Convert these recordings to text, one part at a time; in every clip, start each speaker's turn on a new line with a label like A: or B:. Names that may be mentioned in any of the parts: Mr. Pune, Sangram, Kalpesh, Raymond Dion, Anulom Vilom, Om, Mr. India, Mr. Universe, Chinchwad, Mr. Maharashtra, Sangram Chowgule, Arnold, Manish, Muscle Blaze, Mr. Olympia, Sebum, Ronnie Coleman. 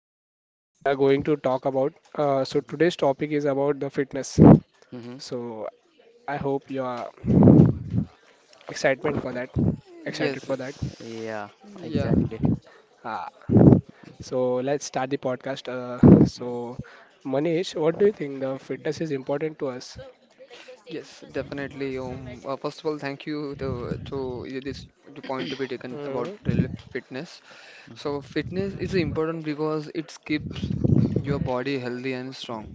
A: a host, so we are going to talk about. So
B: Mm-hmm.
A: today's topic is about the fitness.
B: Mm-hmm.
A: So I hope you are excitement for that. Excited
C: Yes,
A: for that.
C: yes,
B: Yeah,
C: yeah,
B: exactly.
A: Ah. So let's start the podcast. So Manish, what do you think the fitness is important to us?
C: yes, definitely, Om. First of all, thank you to, this the point to be taken about
A: Hmm.
C: daily fitness. So fitness is important because it keeps your body healthy and strong.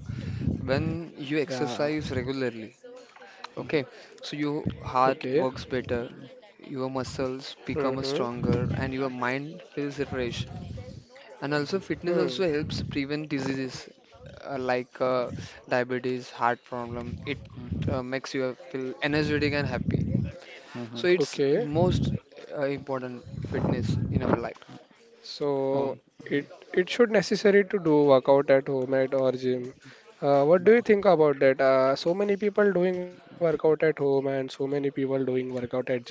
C: When you
A: Yeah.
C: exercise regularly, okay, so your heart
A: Okay.
C: works better, your muscles become
A: Mm-hmm.
C: stronger, and your mind feels refreshed. And also, fitness
A: Hmm.
C: also helps prevent diseases uh, like uh, diabetes, heart problem. It
B: Mm-hmm.
C: uh, makes you feel energetic and happy.
B: Mm-hmm.
C: So it's
A: Okay,
C: most important fitness in our life.
A: so
C: Um,
A: it it should necessary to do workout at home at or gym. What do you think about that? So many people doing workout at home and so many people doing workout at gym.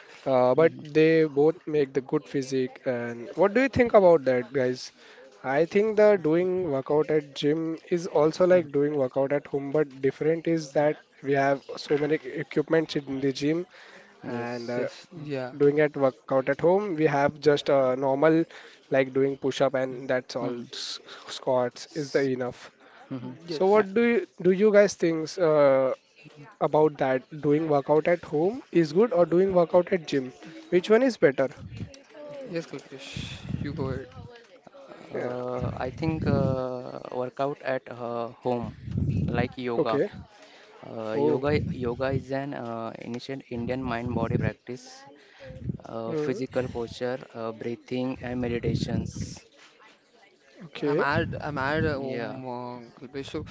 A: But
B: Mm-hmm.
A: they both make the good physique. And what do you think about that, guys? I think the doing workout at gym is also
B: Hmm.
A: like doing workout at home, but different is that we have so many equipments in the gym
B: Yes.
A: and
C: yes, yeah,
A: doing at workout at home we have just a normal like doing push up and that's all
B: Mm-hmm.
A: Squats is the enough.
B: Mm-hmm.
A: So
C: yes,
A: what do you guys think about that doing workout at home is good or doing workout at gym, which one is better?
C: yes, Kalpesh, you go ahead.
A: Yeah.
B: I think workout at home, like yoga.
A: Okay.
B: Uh,
A: Oh.
B: yoga, yoga is an ancient Indian mind-body practice,
A: Mm,
B: physical posture, breathing, and meditations.
C: I'm
A: okay.
C: add I'm add
B: Yeah.
C: Gulbey. So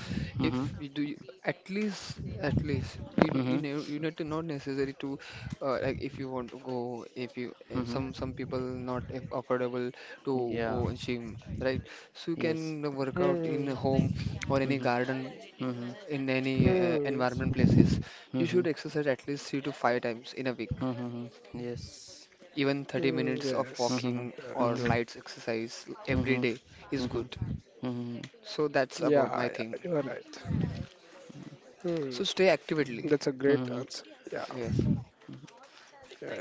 C: if
B: Mm-hmm.
C: at least you
B: Mm-hmm.
C: know you need to not necessary to like if you want to go if you
B: Mm-hmm.
C: some people not affordable to go
B: Yeah.
C: in gym, right? So you
B: Yes.
C: can work out in a
A: Hmm.
C: home or any
B: Mm-hmm.
C: garden
B: Mm-hmm.
C: in any
A: Hmm.
C: environment places. You
B: Mm-hmm.
C: should exercise at least three to five times in a week,
B: Mhm. Yes.
C: even
A: Hmm.
C: 30 minutes of
A: Yes.
B: Mhm.
C: walking
A: Right.
C: or
B: Mhm.
C: light exercise every
B: Mhm.
C: day is
B: Mhm.
C: good.
B: Mhm.
C: So that's
A: Yeah,
C: about my
A: yeah, you are
C: thing.
A: right. Hmm.
C: So stay actively.
A: That's a great
B: Mhm.
A: answer. Yeah.
C: Yes.
A: Yeah, yeah.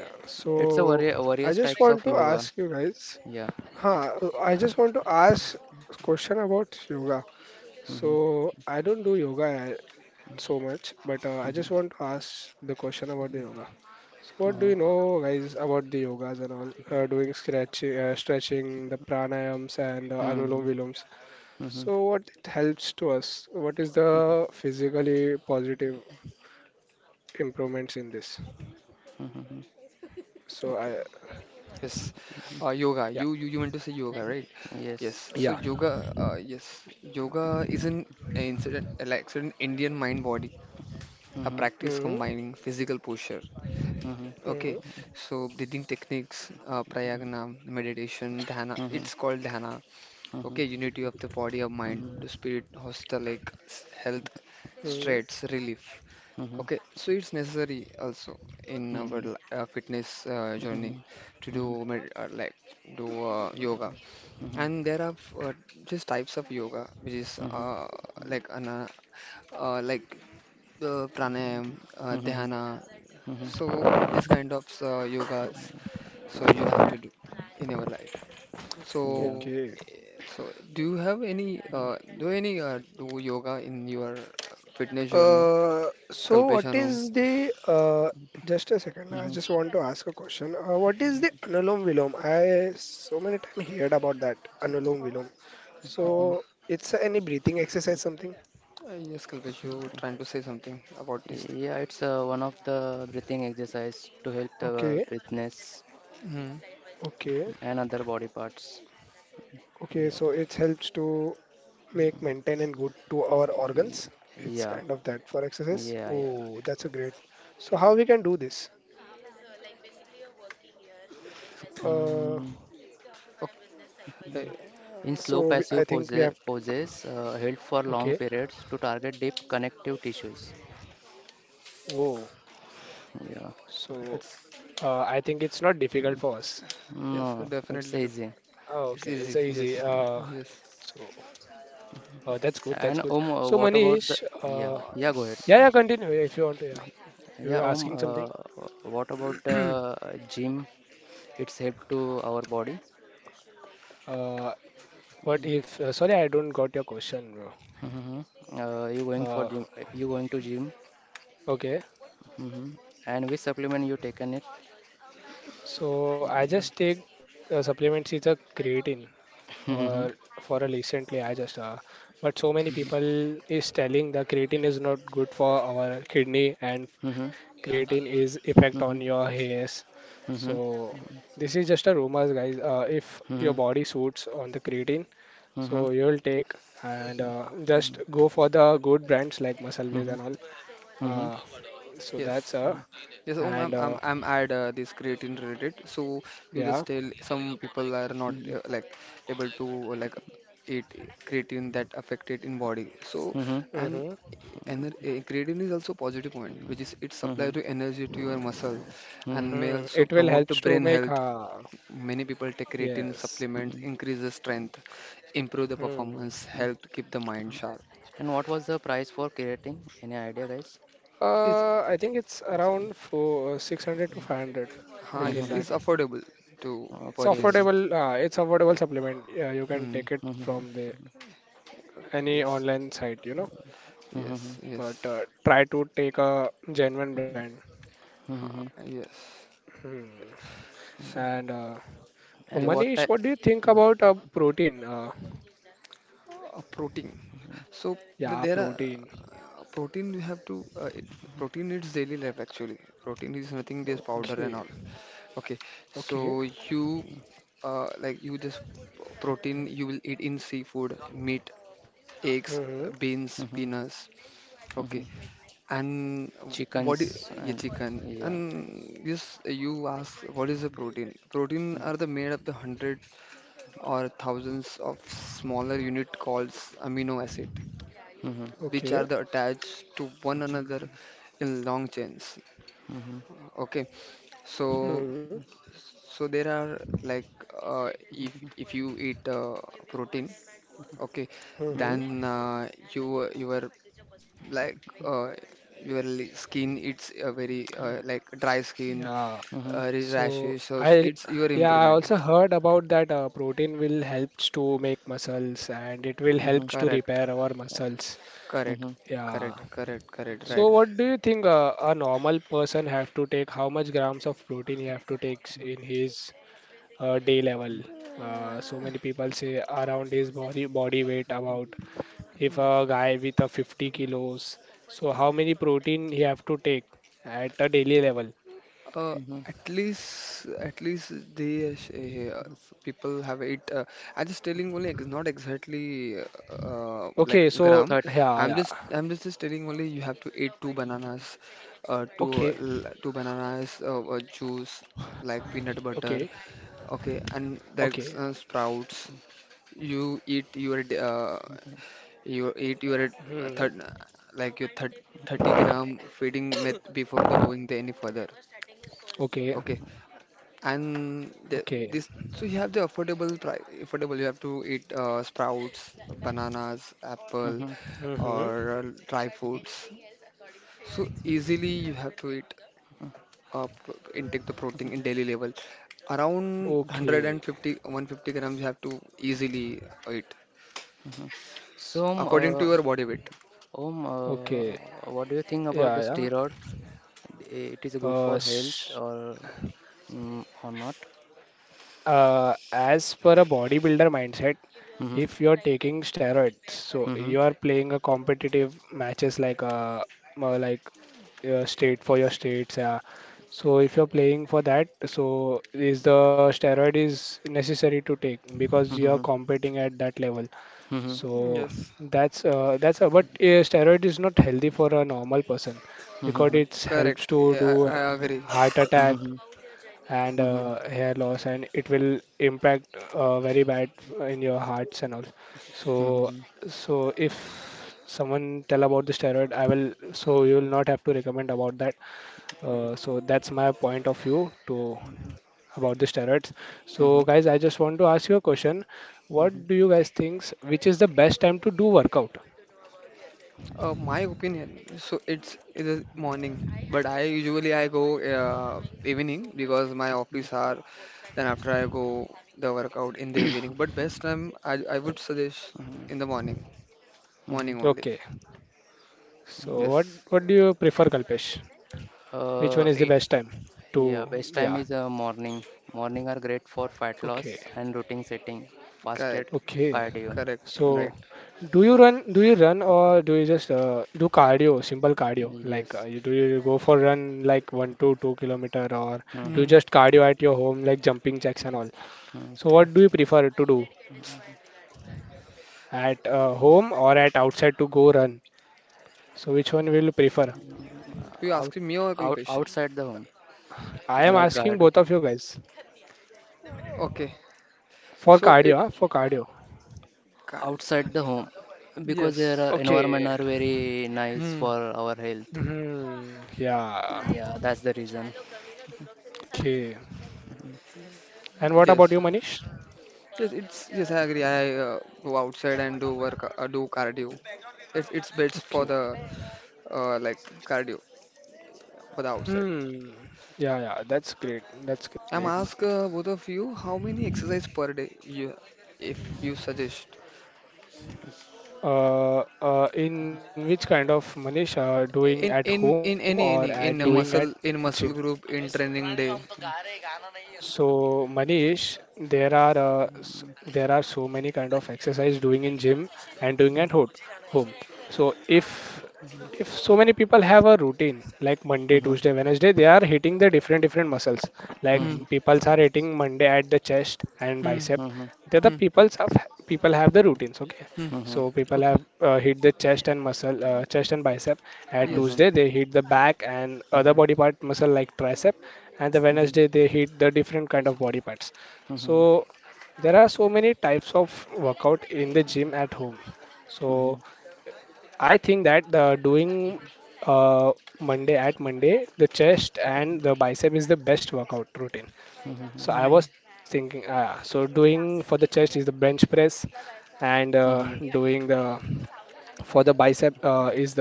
B: It's a
A: So I
B: various
A: just
B: types
A: want to
B: of yoga.
A: ask you guys.
B: Yeah.
A: Huh. I just want to ask a question about yoga.
B: Mhm.
A: So I don't do yoga so much, but I
B: Mhm.
A: just want to ask the question about the yoga. So what do
B: Mhm.
A: you
C: Uh,
A: know, guys, about the yogas and all doing stretching, the pranayams and anulom
B: Mhm.
A: viloms.
B: Mhm.
A: So what it helps to us? What is the physically positive improvements in this?
B: Mhm.
A: So
C: okay.
A: I
C: Yes. Yoga.
A: Yeah,
C: You meant to say yoga, right? Yes.
B: Yes.
C: So
A: yeah.
C: yoga. Yes. Yoga is an incident, like an Indian mind body, a
B: Mhm.
C: practice
A: Hmm.
C: combining physical posture.
B: Mhm.
C: Okay. So breathing techniques, pranayama, meditation, dhyana.
B: Mhm.
C: It's called dhyana.
B: Mhm.
C: Okay. Unity of the body of mind,
B: Mhm. Mhm.
C: the spirit, hostel like health,
A: Hmm.
C: straits, relief.
B: Mhm.
C: Okay, so it's necessary also in
B: Mhm.
C: our
B: Mhm.
C: fitness journey to do
B: Mhm.
C: med like do yoga, and there are just types of yoga, which is
B: Mhm.
C: like ana like the pranayam,
B: Mhm.
C: dhyana.
B: Mhm.
C: So these kind of yogas, so you have to do in your life.
B: Yeah.
C: So
A: Okay.
C: eh, so do you have any uh, do any do yoga in your fitness journey,
A: Uh, so what
C: Kalpeshanu?
A: is the Just a second, I just want to ask a question. What is the Anulom Vilom? I so many time heard about that Anulom Vilom.
B: Mhm.
A: So it's any breathing exercise something?
C: Yes, Kalpesh, you were trying to say something about this thing.
B: Yeah, it's one of the breathing exercise to help the
A: Okay,
B: breathness
C: Hmm.
A: okay,
B: and other body parts.
A: okay.
B: Yeah,
A: So it helps to make maintain and good to our organs. It's
B: yeah,
A: kind of that for
B: yeah,
A: exercise.
B: yeah, yeah.
A: Oh, that's a great. So how we can do this? Uh,
B: Mm,
C: Okay.
B: in
A: so
B: slow
A: we, I
B: passive
A: think we have to,
B: poses, held for long
A: okay.
B: periods to target deep connective tissues.
A: Whoa.
B: Yeah.
A: So
C: It's,
A: Uh, I think it's not difficult
B: Mm.
A: for us.
C: yes, I
B: No, it's
C: definitely do.
B: easy.
A: Oh,
C: It's
A: okay, it's
C: easy.
A: a easy.
C: Yes. Yes.
A: So that's good. That's
B: And
A: good.
B: Om,
A: So
B: what about the?
A: Manish,
B: Yeah,
C: Uh,
B: yeah. Go ahead.
C: yes.
A: yeah, yeah, continue. Yeah, if you want to. Yeah, you
B: Yeah,
A: were
B: Om.
A: asking something.
B: What about the gym? It's help to our body.
A: Uh, what if? Sorry, I don't got your question, bro.
B: Mm-hmm. You going for
A: Uh,
B: gym? You going to gym?
A: okay.
B: Mm-hmm. And which supplement you taken it?
A: So I
B: Mm-hmm.
A: just take supplements is a creatine for
B: Mm-hmm.
A: for a recently. I just But so many people is telling the creatine is not good for our kidney and
B: Mm-hmm.
A: creatine is effect
B: Mm-hmm.
A: on your hairs.
B: Mm-hmm. Mm-hmm.
A: So this is just a rumors, guys. If your
B: Mm-hmm.
A: body suits on the creatine,
B: Mm-hmm.
A: so you'll take and
B: Mm-hmm.
A: just go for the good brands like Muscle
B: Mm-hmm.
A: Blaze and all.
B: Mm-hmm. Mm-hmm. Mm-hmm.
A: Uh,
C: Yes.
A: that's
C: Yes, I'm
A: and
C: I'm I'm at this creatine related. So you
A: yeah,
C: just tell some people are not like able to like eat creatine that affected in body. So and
A: mm-hmm.
C: creatine is also positive point, which is it supply to energy to your muscle, and may
A: Hmm.
C: also
A: It will
C: promote to
A: helps to
C: brain
A: make
C: health. Many people take creatine
A: yes.
C: supplements, increase the strength, improve the
A: Hmm.
C: performance, help to keep the mind sharp.
B: And what was the price for creatine? Any idea, guys?
C: Yes,
A: I think it's
B: Sorry.
A: around four, 600 to 500 between
C: yes,
B: Mm-hmm.
C: it's
A: that.
C: affordable to
A: It's
C: purchase.
B: Okay.
A: affordable. It's affordable supplement. Yeah, you can
C: Hmm.
A: take it
B: Mm-hmm.
A: from the any
C: Okay, yes.
A: online site,
B: Mm-hmm.
C: Yes,
A: but
C: yes,
A: try to take a genuine brand.
C: ha,
B: Mm-hmm.
C: yes.
A: Hmm.
C: So,
A: And oh,
B: And what
C: yes,
A: Manish,
B: type?
A: what do you think
B: Yeah.
A: about protein?
C: a protein. So
A: Yeah,
C: there are
A: protein.
C: protein you have to protein is daily life actually. Protein is nothing just powder and
A: Okay,
C: all. Okay,
A: okay.
C: so you just protein you will eat in seafood, meat, eggs,
A: Hmm.
C: beans,
B: Mm-hmm.
C: peanuts.
B: Mm-hmm.
C: Okay, and what is
B: Chickens
C: yeah,
B: and
C: chicken?
B: yeah.
C: And this you ask, what is the protein? Protein are the made up the hundred or thousands of smaller unit called amino acid,
B: Mm-hmm.
C: which are
A: Okay.
C: the attached to one another in long chains,
B: Mm-hmm.
C: okay. So
A: Hmm.
C: so there are, like, if you eat protein, okay,
B: Mm-hmm.
A: Hmm.
C: then you your like uh, your skin it's a very like dry skin,
A: Yeah.
B: Mm-hmm.
A: So
C: rashes or
A: I,
C: it's your
A: yeah, I
C: improvement.
A: also heard about that protein will helps to make muscles and it will
B: Mm-hmm. Mm-hmm.
A: helps to
C: correct
A: repair our
B: Yeah.
A: muscles.
C: correct
B: Mm-hmm.
A: Yeah.
C: correct correct correct right.
A: So what do you think a normal person have to take? How much grams of protein he have to take in his day level?
B: Mm-hmm.
A: So many people say around his body weight about, if a guy with a 50 kilos, so how many protein he have to take at a daily level?
C: Uh,
B: Mm-hmm.
C: at least they people have it. I'm just telling only, not exactly like
A: Okay, so
C: gram.
B: Third.
A: yeah,
C: I'm
A: yeah.
C: just, I'm just, just telling only you have to eat two bananas,
A: Okay,
C: two bananas, juice like peanut
A: okay,
C: butter. Okay, and
A: okay.
C: that's sprouts. You eat your d- uh, you eat your
A: Hmm.
C: third, like your thir 30-gram feeding meth before the going the any further.
A: Okay,
C: Okay, and
A: okay.
C: this, so you have the affordable price. Affordable, you have to eat sprouts, bananas, apple,
B: Mm-hmm.
A: Mm-hmm.
C: or dry fruits. So easily you have to eat intake the protein in daily level. Around one hundred
A: Okay,
C: and fifty, 150 grams you have to easily eat
B: So,
C: according to your body weight.
B: Om,
A: okay.
B: what do you think about the
A: Yeah, yeah.
B: steroid? It is good
A: Uh,
B: for health
A: s-
B: or not?
A: As per a bodybuilder mindset,
B: Mm-hmm.
A: if you're taking steroids, so
B: Mm-hmm.
A: you are playing a competitive matches like more like state for your states, yeah. So if you're playing for that, so is the steroid is necessary to take because you're
B: Mm-hmm.
A: competing at that level.
B: Mm-hmm.
A: So
C: Yes.
A: that's but steroid is not healthy for a normal person
B: Mm-hmm.
A: because
B: Mm-hmm.
A: it
C: Correct.
A: helps to
C: Yeah,
A: do
C: I, I agree.
A: heart
B: Mm-hmm.
A: attack
B: Mm-hmm.
A: and
B: Mm-hmm.
A: hair loss, and it will impact very bad in your hearts and all.
B: Mm-hmm.
A: so
B: Mm-hmm.
A: so if someone tell about the steroid, I will, so you will not have to recommend about that. So that's my point of view to about the steroids.
B: Mm-hmm.
A: So guys, I just want to ask you a question.
B: Mm-hmm.
A: What do you guys think which is the best time to do workout?
C: My opinion. So it is morning, but I usually I go evening because my office are. Then after I go the workout in the evening. But best time I would suggest in the morning.
B: Mm-hmm. Mm-hmm.
C: Morning only.
A: Okay, so what
C: Yes.
A: what do you prefer, Kalpesh? Which one
B: Uh,
A: is the
B: i-
A: best time to?
B: Yeah, best time
A: Yeah.
B: is morning. Morning are great for
A: Okay.
B: fat loss and routine setting,
A: Okay.
B: fasted
C: Correct.
B: cardio.
C: Correct.
A: So,
C: Right.
B: Yeah.
A: do you run? Do you run, or do you just do cardio? Simple cardio, like
B: Yes.
A: do you go for run like 1 to 2 kilometer, or do you
B: Mm-hmm.
C: Hmm.
A: just cardio at your home, like jumping jacks and all?
B: Mm.
A: So, what do you prefer to do at home or at outside to go run? So, which one will you prefer?
C: You
B: Out,
C: asking me or Kalpesh?
B: outside the home,
A: I am
C: Acha.
B: like
A: asking
B: garden.
A: both of you guys
C: Okay.
A: for
C: So
A: cardio.
C: it.
A: Huh? For cardio.
B: Outside the home, because their
C: Yes.
B: environment
A: Okay.
B: are very nice
C: Hmm.
B: for our health.
A: Hmm. Yeah.
B: Yeah, that's the reason.
A: Okay. And what about
C: Yes.
A: you, Manish?
C: Yes, it's yes, I agree. I go outside and do cardio. It's best for
A: Okay.
C: the uh, like cardio for the outside.
A: Hmm. Yeah, yeah, that's great. That's great.
C: I'm
B: Mhm.
C: ask both of you how many exercise per day you if you suggest
A: In which kind of, Manish, doing at
C: in
A: home
C: in
A: or
C: in
A: at
C: any
A: doing
C: any
A: at
C: in a
B: In.
C: muscle
A: gym?
C: in muscle group in training day.
A: So Manish, there are so many kind of exercise doing in gym and doing
C: Hmm.
A: at home. So if so many people have a routine like Monday,
B: Mhm.
A: Tuesday, Wednesday, they are hitting the different different muscles. Like
C: Hmm.
B: Mhm.
A: people are hitting Monday at the chest and
C: Hmm.
A: bicep.
B: Mhm.
A: They're the
C: Hmm.
A: people's have people have the routines. Okay,
C: Hmm.
B: Mhm.
A: so people
C: Okay.
A: have hit the chest and muscle, chest and bicep. At
B: Mhm.
C: Yes.
A: Tuesday they hit the back and
B: Mhm.
A: other body part muscle like tricep, and the
B: Mhm.
A: Wednesday they hit the different kind of body parts.
B: Mhm.
A: So there are so many types of workout in the gym at home. So
B: Mhm.
A: I think that the doing uh, Monday, at Monday the chest and the bicep is the best workout routine. So I
C: Hmm.
A: was thinking, ah, so doing for the chest is the bench press, and
B: Mhm. Mhm.
A: doing the for the bicep is the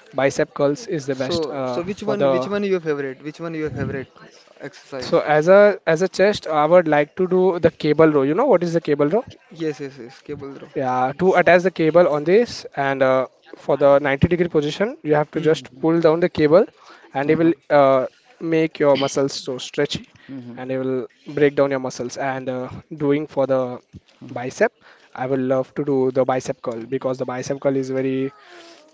A: bicep curls is the best
C: So so which
A: for
C: one
A: the.
C: which one your favorite? Which one your favorite exercise?
A: So as a chest, I would like to do the cable row. You know what is the cable row?
C: Yes. Cable throw.
A: Yeah, to attach the cable on this, and for the 90-degree position, you have to
C: Hmm.
A: just pull down the cable, and it
B: Mhm.
A: will make your muscles so stretchy,
B: Mhm.
A: and it will break down your muscles. And doing for the
B: Mhm.
A: bicep, I will love to do the bicep curl because the bicep curl is very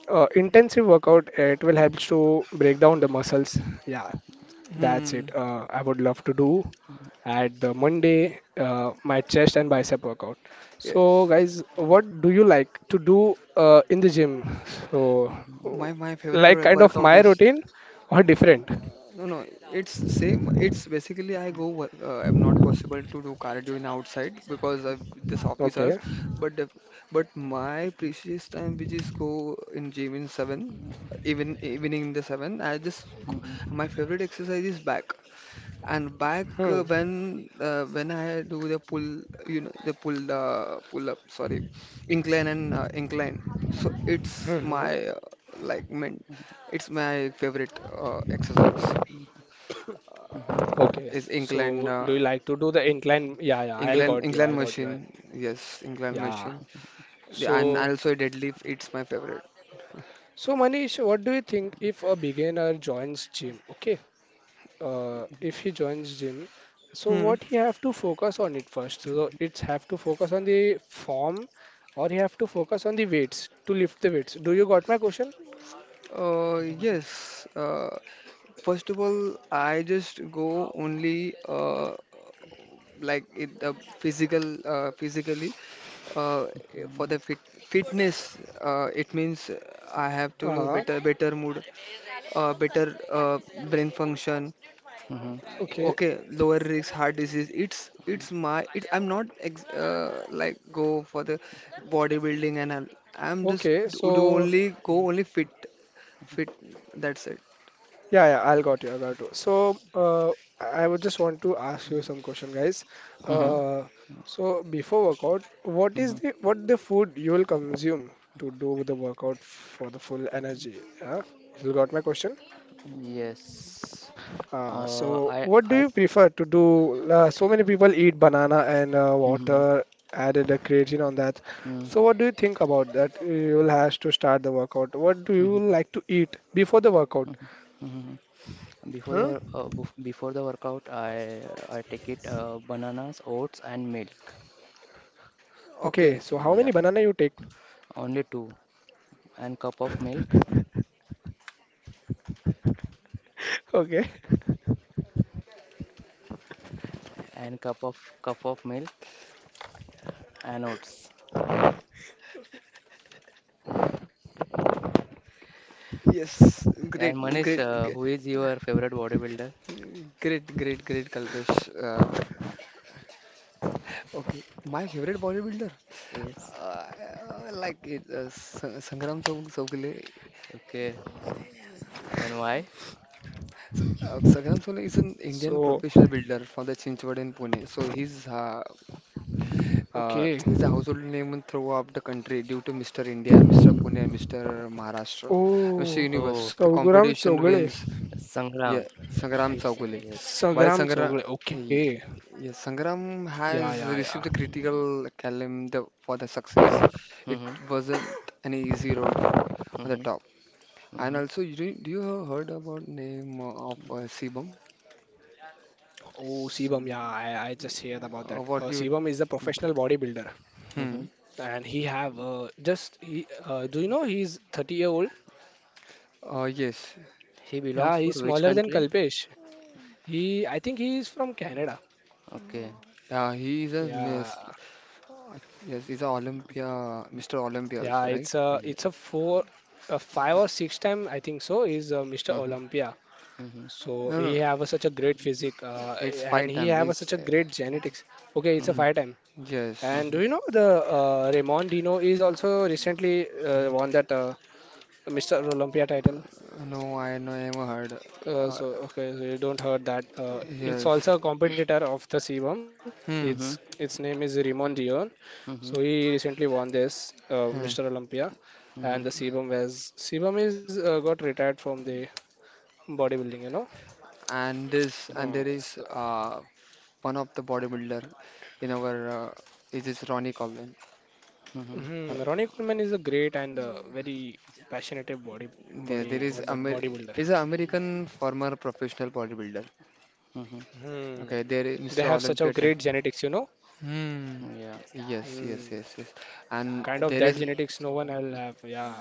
A: intensive workout. It will help to break down the muscles. Yeah, that's
C: Hmm.
A: it. I would love to do at the Monday my chest and bicep workout. So,
C: Yes.
A: guys, what do you like to do in the gym? So, uh,
C: My favorite
A: like kind of
C: workout
A: my
C: is
A: routine or different?
C: no no. It's same. It's basically I go. I'm not possible to do cardio in outside because of this office hours.
A: Okay.
C: But the, but my precious time which is go in gym in seven, even evening in the seven. I just go,
B: Mhm.
C: my favorite exercise is back. And back
A: Hmm.
C: when I do you know, the pull pull up, sorry, incline and incline. So it's my
A: Hmm. Hmm.
C: like meant, it's my favorite exercise.
B: Mhm.
C: Okay.
A: Okay.
C: Is incline
A: So, do you like to do the incline? Yeah, yeah. I
C: incline
A: got you.
C: incline
A: I got
C: machine?
A: you.
C: Yes, incline
A: Yeah.
C: machine. The, and
A: So,
C: also deadlift. It's my favorite.
A: so, Manish, what do you think if a beginner joins gym? Okay, if he joins gym, so
C: Hmm.
A: what he have to focus on it first? So it's have to focus on the form, or he have to focus on the weights, to lift the weights? Do you got my question?
C: Yes. First of all, I just go only. Like it the physical physically uh, for the fit, fitness it means I have to do
A: Uh,
C: better mood, better brain function,
A: okay,
C: okay, lower risk heart disease. It's my it I'm not ex like go for the bodybuilding and all. I'm just
A: okay,
C: do
A: so
C: only go only fit, that's it.
A: yeah, yeah, I'll got you, I got you, so I would just want to ask you some question, guys.
B: Mhm.
C: uh
B: Mhm.
A: uh so before workout, what is
B: Mhm.
A: the what the food you will consume to do the workout for the full energy? Yeah, you got my question?
B: Yes. Uh,
A: So,
B: I,
A: what do
B: I,
A: you prefer to do? So many people eat banana and
B: Mhm.
A: water added a creatine on that.
B: Mhm.
A: So, what do you think about that? You will have to start the workout. What do you
B: Mhm.
A: like to eat before the workout?
B: Mhm. Mhm. Before the
A: Huh?
B: before the workout, I take it bananas, oats, and milk.
A: Okay, so
C: Okay.
A: how many
B: Yeah,
A: banana you take?
B: only two, and cup of milk,
A: Okay,
B: and cup of milk and oats.
C: Yes.
B: And
C: Great.
B: Manish,
C: Great. G-
B: who is your favorite bodybuilder?
C: Great. Great. Great, Kalpesh. Okay, my favorite bodybuilder,
B: Yes.
C: uh, Chowgule.
B: Okay. And why?
C: Sangram Chowgule is an Indian
A: so
C: professional builder from the Chinchwad in Pune. So
A: okay.
C: he's a household name throughout the country due to Mr. India, Mr. Pune, Mr. Maharashtra, Mr.
A: Oh,
B: Oh,
C: Universe. The
A: सौ ग्राम
C: competition
A: Chougale
C: wins. Yeah,
B: Sangram.
C: Sangram
B: It's
C: Chowgule.
B: yes.
C: While
A: Sagram
C: Sangram,
A: Chogle, okay.
C: yeah, Sangram
A: Yeah,
C: has
A: yeah, yeah.
C: received the critical acclaim the, for the success, it
B: Mm-hmm.
C: wasn't an easy road on the
B: Mm-hmm.
C: top. And
B: Mm-hmm.
C: also, do do you have heard about name of Sibam?
A: Oh, Sebum, yeah, I just heard about that.
C: What do you?
A: Sebum is a professional bodybuilder.
B: Mm-hmm.
C: Hmm.
A: And he have do you know he's 30-year-old?
C: Yes.
B: He belongs
A: Yeah,
B: for
A: he's
B: which
A: smaller than
B: country?
A: Kalpesh. He, I think he is from Canada.
B: Okay.
C: Yeah, he is a
A: Yeah,
C: miss- yes, he's a Olympia, Mr. Olympia also,
A: yeah,
C: right?
A: it's a
B: Yeah.
A: it's a four a five or six time, I think so, is Mr.
B: Mm-hmm.
A: Olympia.
B: Mm-hmm.
A: So
C: No,
A: he
C: no,
A: have a, such a great physique,
C: it's
A: and
C: five
A: he
C: time.
A: have a, such
C: It's
A: a great genetics. Okay, it's a
B: Mm-hmm.
C: hmm.
A: five time. And
C: Yes.
B: Mm-hmm.
A: do you know the Raymond Dino is also recently
C: Um,
A: won that Mr. Olympia title?
C: no, I never heard.
A: Uh,
C: Uh,
A: so okay, so you don't heard that. It's
C: Yes.
A: also a competitor of the sebum. Its
C: Hmm.
B: Mm-hmm.
A: its name is Raymond Dion. So he
B: Mm-hmm.
A: recently won this
C: Hmm.
A: Mr. Olympia, and
B: Mm-hmm.
A: the sebum is got retired from the bodybuilding. You know.
C: And this
A: Mm,
C: and there
A: so,
C: is one of the bodybuilder in our it is Ronnie Coleman.
B: Mm-hmm.
A: Mhm,
C: Uh,
A: Ronnie Coleman is a great and very passionate body
C: There, there
A: what
C: is
A: that
C: Amer
A: bodybuilder.
C: is an American former professional bodybuilder.
B: Mm-hmm.
A: Hmm.
C: Okay, there is
A: They have
C: Mr.
A: such a
C: Olympia.
A: great genetics, you know.
C: Hmm.
B: Yeah.
C: Yes,
A: Hmm.
C: yes, yes, yes. And
A: Kind of that
C: there is
A: genetics no one will have. Yeah.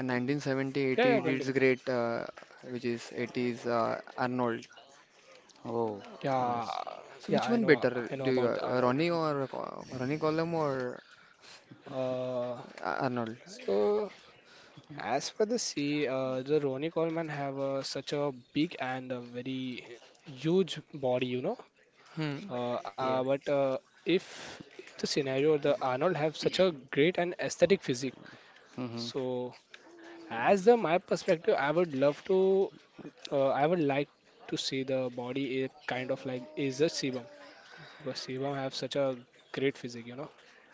C: a 1970
A: Yeah, yeah,
C: 80
A: continue.
C: it's great which is 80s Arnold.
B: Oh,
A: Yeah,
B: yes.
A: yeah,
C: So which one
A: I
C: better
A: know
C: do
A: about
C: you
A: the Arnold.
C: Ronnie or Ronnie Coleman or
A: Uh,
C: Arnold?
A: so as for the sea, the Ronnie Coleman have a, such a big and a very huge body, you know.
C: Hmm.
A: But
B: Yeah.
A: if the scenario the Arnold have such a great and aesthetic physique,
B: Mm-hmm.
A: so as the my perspective, I would love to, I would like to see the body is kind of like is a sebum because sebum have such a great physique, you know.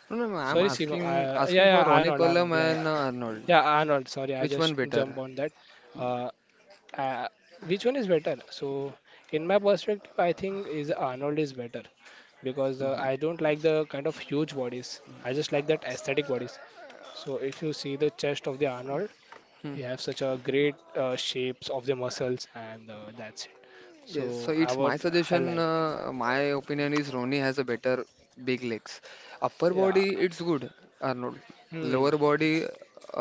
C: No, no, no, I'm
A: Sorry, Shivam.
B: Mm-hmm.
A: Yeah,
C: asking for
A: yeah,
C: Ronnie
A: Arnold.
C: Colam
A: Yeah,
C: and
A: yeah,
C: Arnold.
A: yeah, Arnold. Sorry, I
C: Which one
A: just jump
C: better?
A: on that. Uh, uh, which one is better? So, in my perspective, I think is Arnold is better because
B: Mm-hmm.
A: I don't like the kind of huge bodies. I just like that aesthetic bodies. So, if you see the chest of the Arnold,
C: Hmm.
A: you have such a great shapes of the muscles, and that's it.
C: Yes, so
A: So, I
C: it's my
A: would, I
C: suggestion.
A: like.
C: My opinion is Ronnie has a better big legs. Upper
A: Yeah.
C: body, it's good, Arnold. Lower
A: Hmm.
C: body,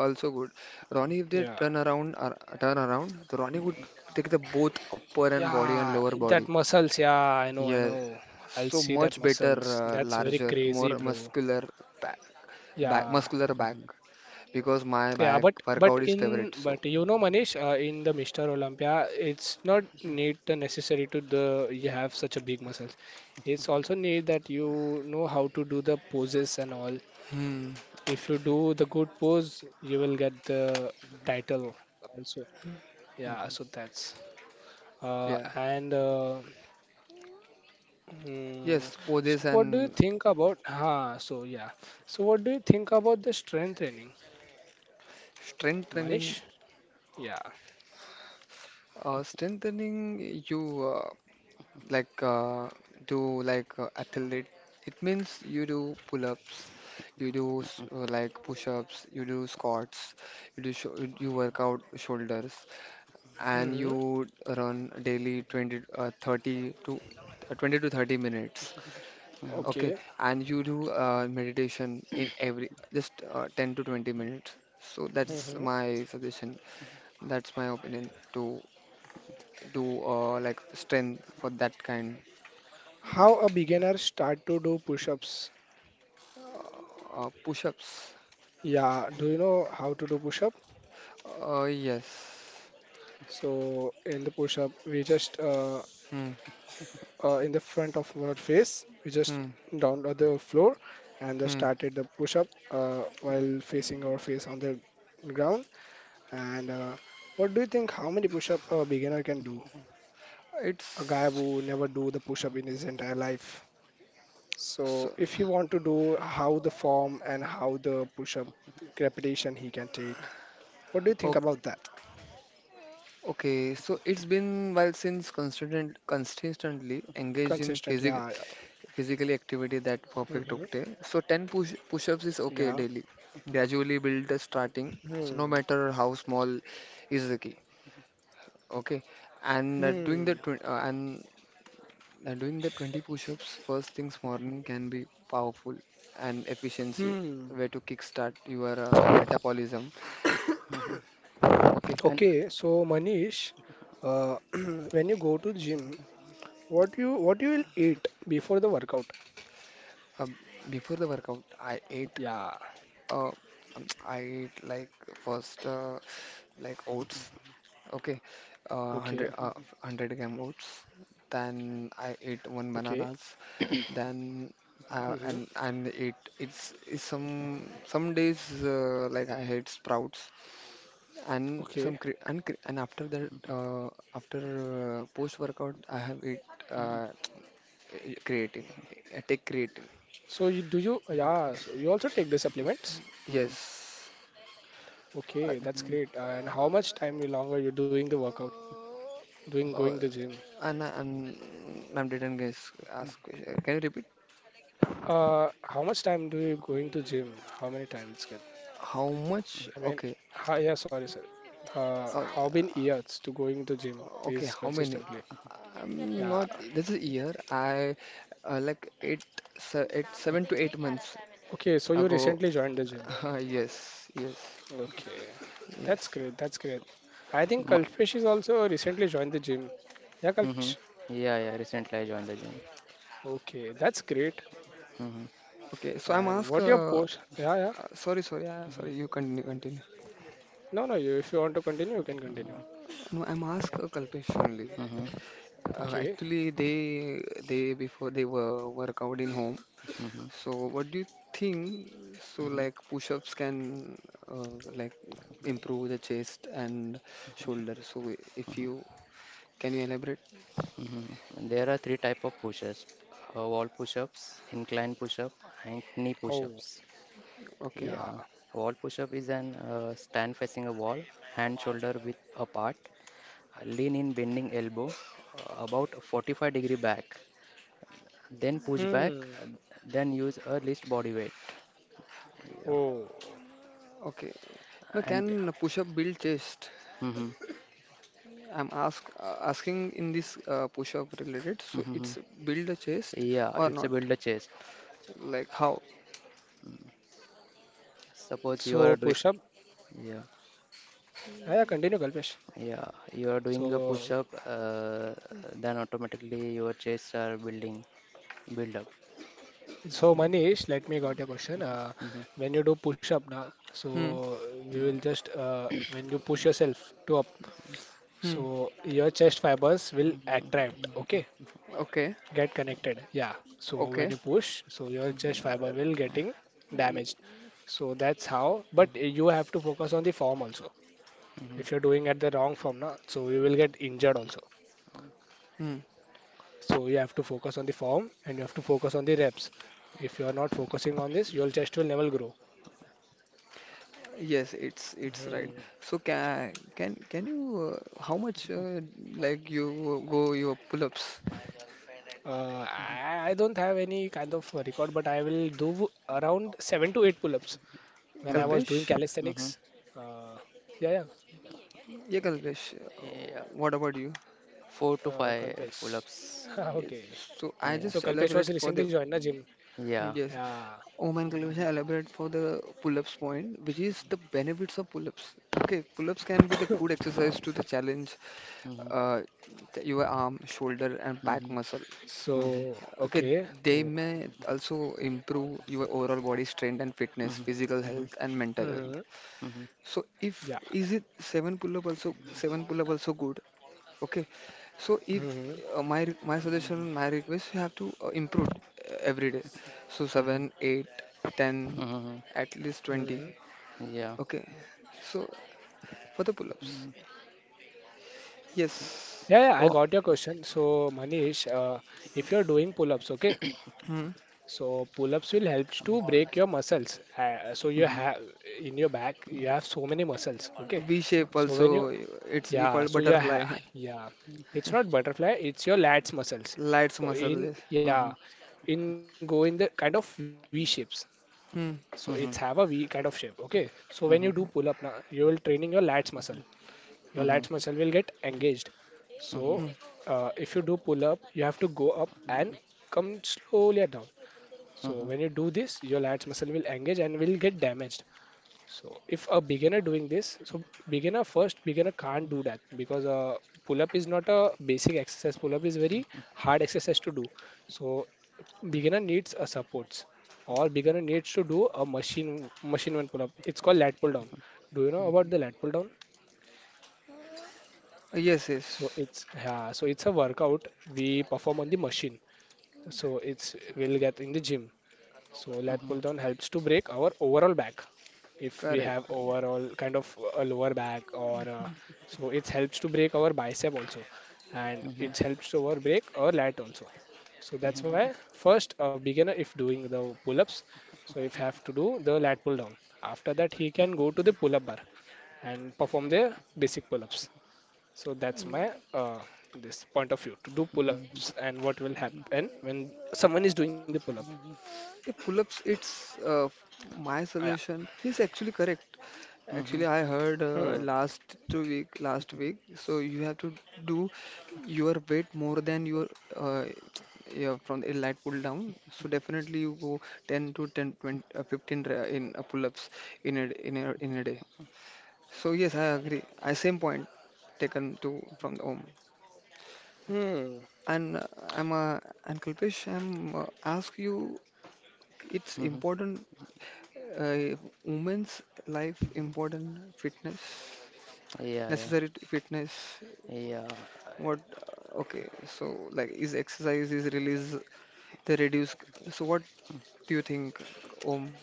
C: also good. Ronnie, if they
A: Yeah.
C: turn around, the Ronnie would take the both upper and body and
A: Yeah,
C: lower
A: that
C: body.
A: muscles. Yeah, I know, I
C: Yeah,
A: know. I'll
C: so
A: see that
C: much better,
A: muscles. That's very
C: larger,
A: crazy,
C: more
A: bro.
C: back, back,
A: Yeah,
C: muscular
B: Mm-hmm.
C: back.
B: Mm-hmm.
C: Because my
A: yeah.
C: back
A: But but
C: workout is favorite,
A: in but
C: so.
A: you know, Manish, in the Mr. Olympia, it's not need the necessary to the you have such a big muscles. It's also need that you know how to do the poses and all.
C: Hmm.
A: If you do the good pose, you will get the title also. Yeah,
B: Mm-hmm.
A: so that's
C: Yeah.
A: and Mm,
C: Yes,
A: so
C: poses
A: what do you
C: and
A: think about? Ah, so yeah. So what do you think about the strength training,
C: strengthening,
A: Manish? Yeah.
C: strengthening you uh, like do like athlete. It means you do pull-ups, you do like push-ups, you do squats, you do sho you work out shoulders, and
A: Mm-hmm.
C: you run daily 20 uh, 30 to uh, 20 to 30 minutes.
A: Okay.
C: Okay, and you do meditation in every just 10 to 20 minutes. So that's
A: Mm-hmm.
C: my suggestion. That's my opinion to do like strength for that kind
A: How a beginner start to do push-ups?
C: push-ups.
A: Yeah. Do you know how to do push-up?
C: Yes.
A: So in the push-up, we just
C: Hmm.
A: in the front of our face, we just
C: Hmm.
A: down on the floor and then
C: Hmm.
A: started the push-up while facing our face on the ground. And what do you think? How many push-up a beginner can do? A guy
C: It's
A: who never do the push up in his entire life.
C: so
A: So if you want to do how the form and how the push up repetition he can take, what do you
C: o-
A: think about that?
C: okay. So it's been while since consistently engaged in
A: Consistent, yeah,
C: physically activity
A: yeah,
C: that
A: hmm
C: perfect, okay. So 10 push push-ups is
A: yeah.
C: okay daily. Gradually build the starting. So
A: Hmm.
C: no matter how small is the key. Okay. And
A: Hmm.
C: doing the 20 push-ups first things morning can be powerful and efficiency
A: Hmm.
C: way to kickstart your metabolism.
B: Mm-hmm.
C: Okay.
B: And
A: Okay, so Manish, uh, when you go to gym, what you will eat before the workout?
C: Um, before the workout,
A: Yeah.
C: uh, I ate like first like oats. Okay,
A: Okay.
C: uh, 100, uh, 100-gram oats. Then I ate
A: Okay.
C: one bananas. Then
A: Mm-hmm.
C: it's some days like I had sprouts and
A: Okay.
C: some cre and cre and after that after post workout I have eat uh, creatine. I take creatine.
A: So you do you? Yeah. So you also take the supplements?
C: Yes.
A: Okay,
C: Uh,
A: that's great. And how much time you longer you're doing the workout, doing going
C: uh,
A: to gym?
C: I'm I didn't guess ask question. Can you repeat?
A: How much time do you going to gym? How many times it's good?
C: How much?
A: I mean,
C: Okay.
A: hi, yeah, sorry, sir. How
C: Okay.
A: been years to going to gym
C: Okay,
A: is
C: how many?
A: consistently?
C: I'm
A: Yeah.
C: not. This is year. I uh, like eight, 7 to 8 months
A: Okay, so you
C: ago.
A: recently joined the gym.
C: yes, yes,
A: Okay, that's
C: yes.
A: great. That's great. I think Kalpesh
B: mm-hmm.
A: is also recently joined the gym. Yeah,
B: Mm-hmm.
A: Kalpesh.
B: Yeah, yeah. Recently, I joined the gym.
A: Okay, that's great.
B: Mm-hmm.
C: Okay, so I'm
A: And
C: ask.
A: what your post? Yeah, yeah.
C: Sorry. You continue,
A: No, no. You, if you want to continue, you can continue.
C: No, I'm ask Kalpesh only.
B: Mm-hmm.
A: Okay.
C: Actually, they before they were work out in home.
B: Mm-hmm.
C: So what do you think? So
B: Mm-hmm.
C: like push-ups can uh, like improve the chest and shoulder. So if you can you elaborate?
B: Mm-hmm. There are three type of push-ups: wall push-ups, incline push-up, and knee
A: Oh,
B: push-ups.
C: Okay,
A: yeah.
B: Yeah. Wall push-up is an stand facing a wall, hand shoulder width apart, lean in bending elbow, about 45-degree back. Then push back,
A: Hmm.
B: uh, then use a least body weight. Yeah.
A: Oh.
C: okay. Now
B: And.
C: can push-up build chest?
B: Mm-hmm.
C: I'm ask asking in this push-up related. So
B: Mm-hmm.
C: it's build the chest
B: Yeah,
C: or
B: it's a
C: not?
B: build a chest.
C: Like how?
B: Suppose you
A: So
B: are doing,
A: push up.
B: yeah,
A: Yeah, yeah, continue, Kalpesh.
B: yeah, you are doing a
A: So,
B: push-up, then automatically your chests are building, build up.
A: so Manish, let me got your question.
B: Mm-hmm.
A: When you do push up, na, so
C: Hmm.
A: you will just when you push yourself to up,
C: Hmm.
A: so your chest fibers will attract.
B: Mm-hmm.
A: Okay,
C: Okay.
A: get connected. Yeah. So when you
C: Okay.
A: push, so your chest fiber will
C: Well,
A: getting
B: Mm-hmm.
C: yeah.
A: damaged. So that's how. But you have to focus on the form also. If you're doing at the wrong form, na, so you will get injured also.
C: Hmm.
A: So you have to focus on the form and you have to focus on the reps. If you are not focusing on this, your chest will never grow.
C: Yes, it's right.
A: Mhm.
C: So can you how much like you go your pull-ups?
A: I don't have any kind of record, but I will do around seven to eight pull-ups when I
B: Mm-hmm.
A: was doing
C: Kalpesh?
B: Mm-hmm.
A: calisthenics. Uh, yeah, yeah, you
C: Yeah,
B: Yeah.
C: Kalpesh.
B: Yeah.
C: What about you?
A: can.
B: Four to five
A: Kalpesh.
C: Uh,
B: pull-ups.
C: yes,
A: Okay.
C: so I
B: Yeah.
A: So
C: just
A: Kalpesh was
C: elaborate for
A: recently
C: the
A: joined the gym.
B: Yeah.
C: yes.
A: Yeah.
C: Oh man, Kalpesh, I elaborate for the pull-ups point, which is the benefits of pull-ups. Okay, pull-ups can be the good exercise to the challenge
B: Mm-hmm.
C: uh, your arm, shoulder, and back
B: Mm-hmm.
C: muscle.
B: Mm-hmm.
A: So
C: Okay,
A: okay.
C: they
A: So
C: may also improve your overall body strength and fitness, physical
B: Mm-hmm.
C: health and mental health.
A: hmm
B: Mm-hmm.
C: So if
A: yeah.
C: is it seven pull up also seven pull up also good? Okay, so if
A: hmm
C: my suggestion, my request, you have to improve every day. So
B: Mhm,
C: seven, eight, ten,
B: mhm,
C: at least
A: hmm,
C: 20.
A: hmm.
B: mhm. Yeah.
C: Okay, so for the pull ups, yes.
A: Yeah, yeah, I
B: Oh.
A: got your question. So, Manish, if you're doing pull-ups, okay,
C: Hmm.
A: so pull-ups will help to break your muscles. So you
B: Mhm,
A: have in your back, you have so many muscles, okay.
C: V shape
A: So when you,
C: also, it's you
A: yeah,
C: call
A: so you ha
C: butterfly.
A: yeah, it's not butterfly, it's your lats muscles.
C: lights
A: So
C: muscle,
A: in,
C: yes.
A: yeah,
B: mhm,
A: in go in the kind of V shapes. So it's
C: Hmm.
A: have a V
B: mhm,
A: kind of shape, okay. So when you do pull-up
B: mhm,
A: now, you will training your lats muscle
B: mhm,
A: will get engaged. So
B: mhm,
A: if you do pull up, you have to go up and come slowly down. So
B: mhm,
A: when you do this, your lats muscle will engage and will get damaged. So if a beginner doing this, so beginner first beginner can't do that because pull up is not a basic exercise. Pull up is very hard exercise to do. So beginner needs a supports or beginner needs to do a machine one pull up. It's called lat pull down. Do you know about the lat pull down?
C: Yes,
A: So
C: yes,
A: it's yeah, so it's a workout we perform on the machine. So it's we'll get in the gym. So
B: mhm.
A: lat pull down helps to break our overall back. If we
C: correct.
A: have overall kind of a lower back or so it helps to break our bicep also, and
B: Mhm,
A: it helps to our break our lat also. So that's
B: mhm,
A: why first a beginner if doing the pull-ups, so if have to do the lat pull down. After that he can go to the pull-up bar and perform the basic pull-ups. So that's my this point of view to do pull-ups
B: mhm,
A: and what will happen when someone is doing the pull-up.
C: Yeah, pull-ups, it's my
A: Yeah.
C: suggestion is actually correct.
B: mhm,
C: Actually, I heard last week. So you have to do your weight more than your uh, yeah, from the light pull down. So definitely you go 10 to 10, 20, 15 in pull-ups in a day. So yes, I agree. I same point taken to from the home.
A: Hmm.
C: And I'm and Kalpesh, I'm ask you, it's
B: mhm.
C: important uh, women's life important fitness
B: Yeah, yeah,
C: necessary to fitness.
B: yeah.
C: What?
B: I-
C: Okay, so like is exercise is release they reduce. So what do you think, Om,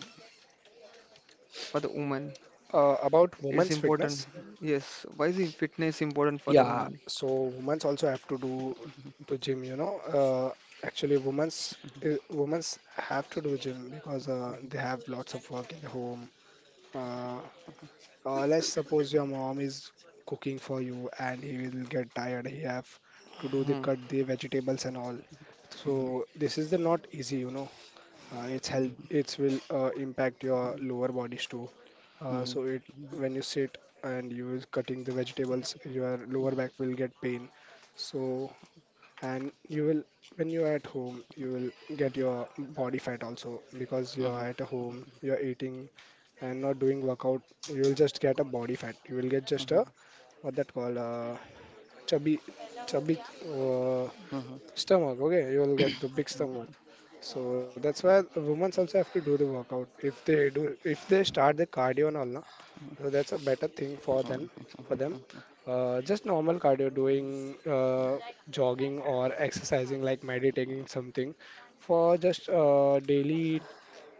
C: for the woman?
A: About women's
C: It's
A: fitness,
C: important. Yes. Why is it fitness important for
A: yeah.
C: the woman?
A: So women's also have to do to gym. You know, actually, women's have to do gym because they have lots of work in the home. Uh, let's suppose your mom is cooking for you and he will get tired. He have to do the
C: Hmm.
A: cut the vegetables and all.
B: Mhm,
A: So this is the not easy, you know. It's
B: mhm, mhm,
A: help.
B: mhm,
A: It will impact your lower bodies too.
B: mhm,
A: So it when you sit and you is cutting the vegetables, your lower back will get pain. So and you will when you are at home, you will get your body fat also because you
B: mhm,
A: are at a home. You are eating and not doing workout, you will just get a body fat. You will get just a what that called chubby chubby uh,
B: mhm,
A: stomach. Okay, you will get the big stomach. So that's why women also have to do the workout. If they do, if they start the cardio and all, na, so that's a better thing for them. For them, just normal cardio, doing jogging or exercising like meditating something for just daily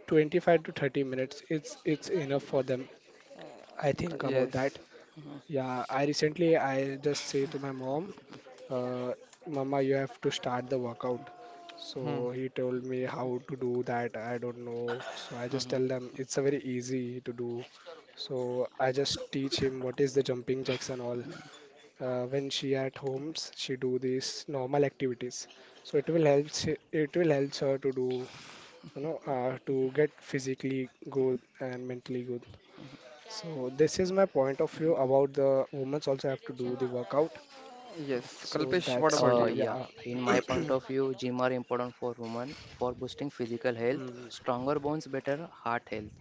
A: 25 to 30 minutes. It's enough for them I think about
C: Yes.
A: that. Yeah, I recently I just say to my mom, uh, "Mama, you have to start the workout."
C: Hmm.
A: So he told me how to do that. I don't know. So I
B: mhm,
A: just
B: mhm.
A: tell them it's a very easy to do. So I just teach him what is the jumping jacks and all. When she at homes, she do these normal activities. So it will help. It will help her to do, you know, to get physically good and mentally good. So this is my point of view about the women also have to do the workout.
C: Yes.
A: So
C: Kalpesh, what
A: that's
C: about
B: Uh,
A: it.
C: you?
B: yeah,
A: Yeah.
B: in my point of view, gym are important for women for boosting physical health,
A: Hmm,
B: stronger bones, better heart health,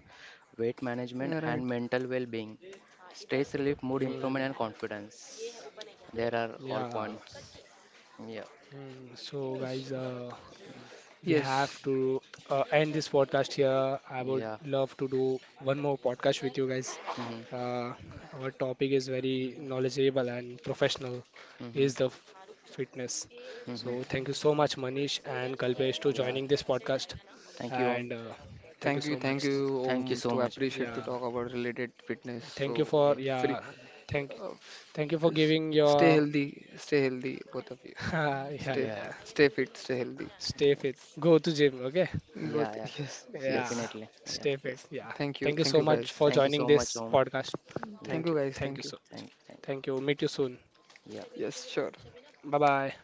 B: weight management,
C: Yeah,
B: and
C: right.
B: mental well-being, stress relief, mood
A: hmm,
B: improvement, and confidence. There are all
A: yeah.
B: points. Yeah,
A: Hmm. So guys, we have
C: Yes.
A: to end this podcast here. I would
B: yeah.
A: love to do one more podcast with you guys.
B: Mhm,
A: Uh, our topic is very knowledgeable and professional.
B: mhm,
A: Is the fitness.
B: mhm.
A: So thank you so much, Manish and Kalpesh, to
B: Yeah,
A: joining this podcast.
B: thank you, Om.
A: And thank you so
C: Thank
A: much.
C: you,
B: Thank you
C: Om,
B: so
C: to
B: much, Om.
C: appreciate to
A: Yeah,
C: talk about related fitness. So
A: thank you
B: Yeah,
A: for yeah,
C: uh,
A: thank
C: f-
A: thank you for
C: s-
A: giving your
C: stay healthy, both of you.
A: yeah yeah
C: Stay
B: yeah,
C: fit,
A: yeah.
C: stay fit, stay healthy.
A: Stay fit.
B: yes.
A: Go to gym, okay?
C: You
B: Yeah,
C: both,
B: yeah,
A: Yeah,
B: definitely. Yeah,
A: stay
C: yes.
A: fit. Yeah. Thank you
C: Thank you
A: so
B: yeah.
C: guys,
A: much for
B: Thank you so
A: joining
B: much,
A: this
B: Om.
A: podcast.
B: Yeah,
C: thank you
A: Thank you.
C: guys, thank
A: Thank
C: you.
A: you so
B: thank you,
A: much.
B: thank you.
A: Thank you. Meet you soon.
B: Yeah.
C: Yes, sure.
A: Bye bye.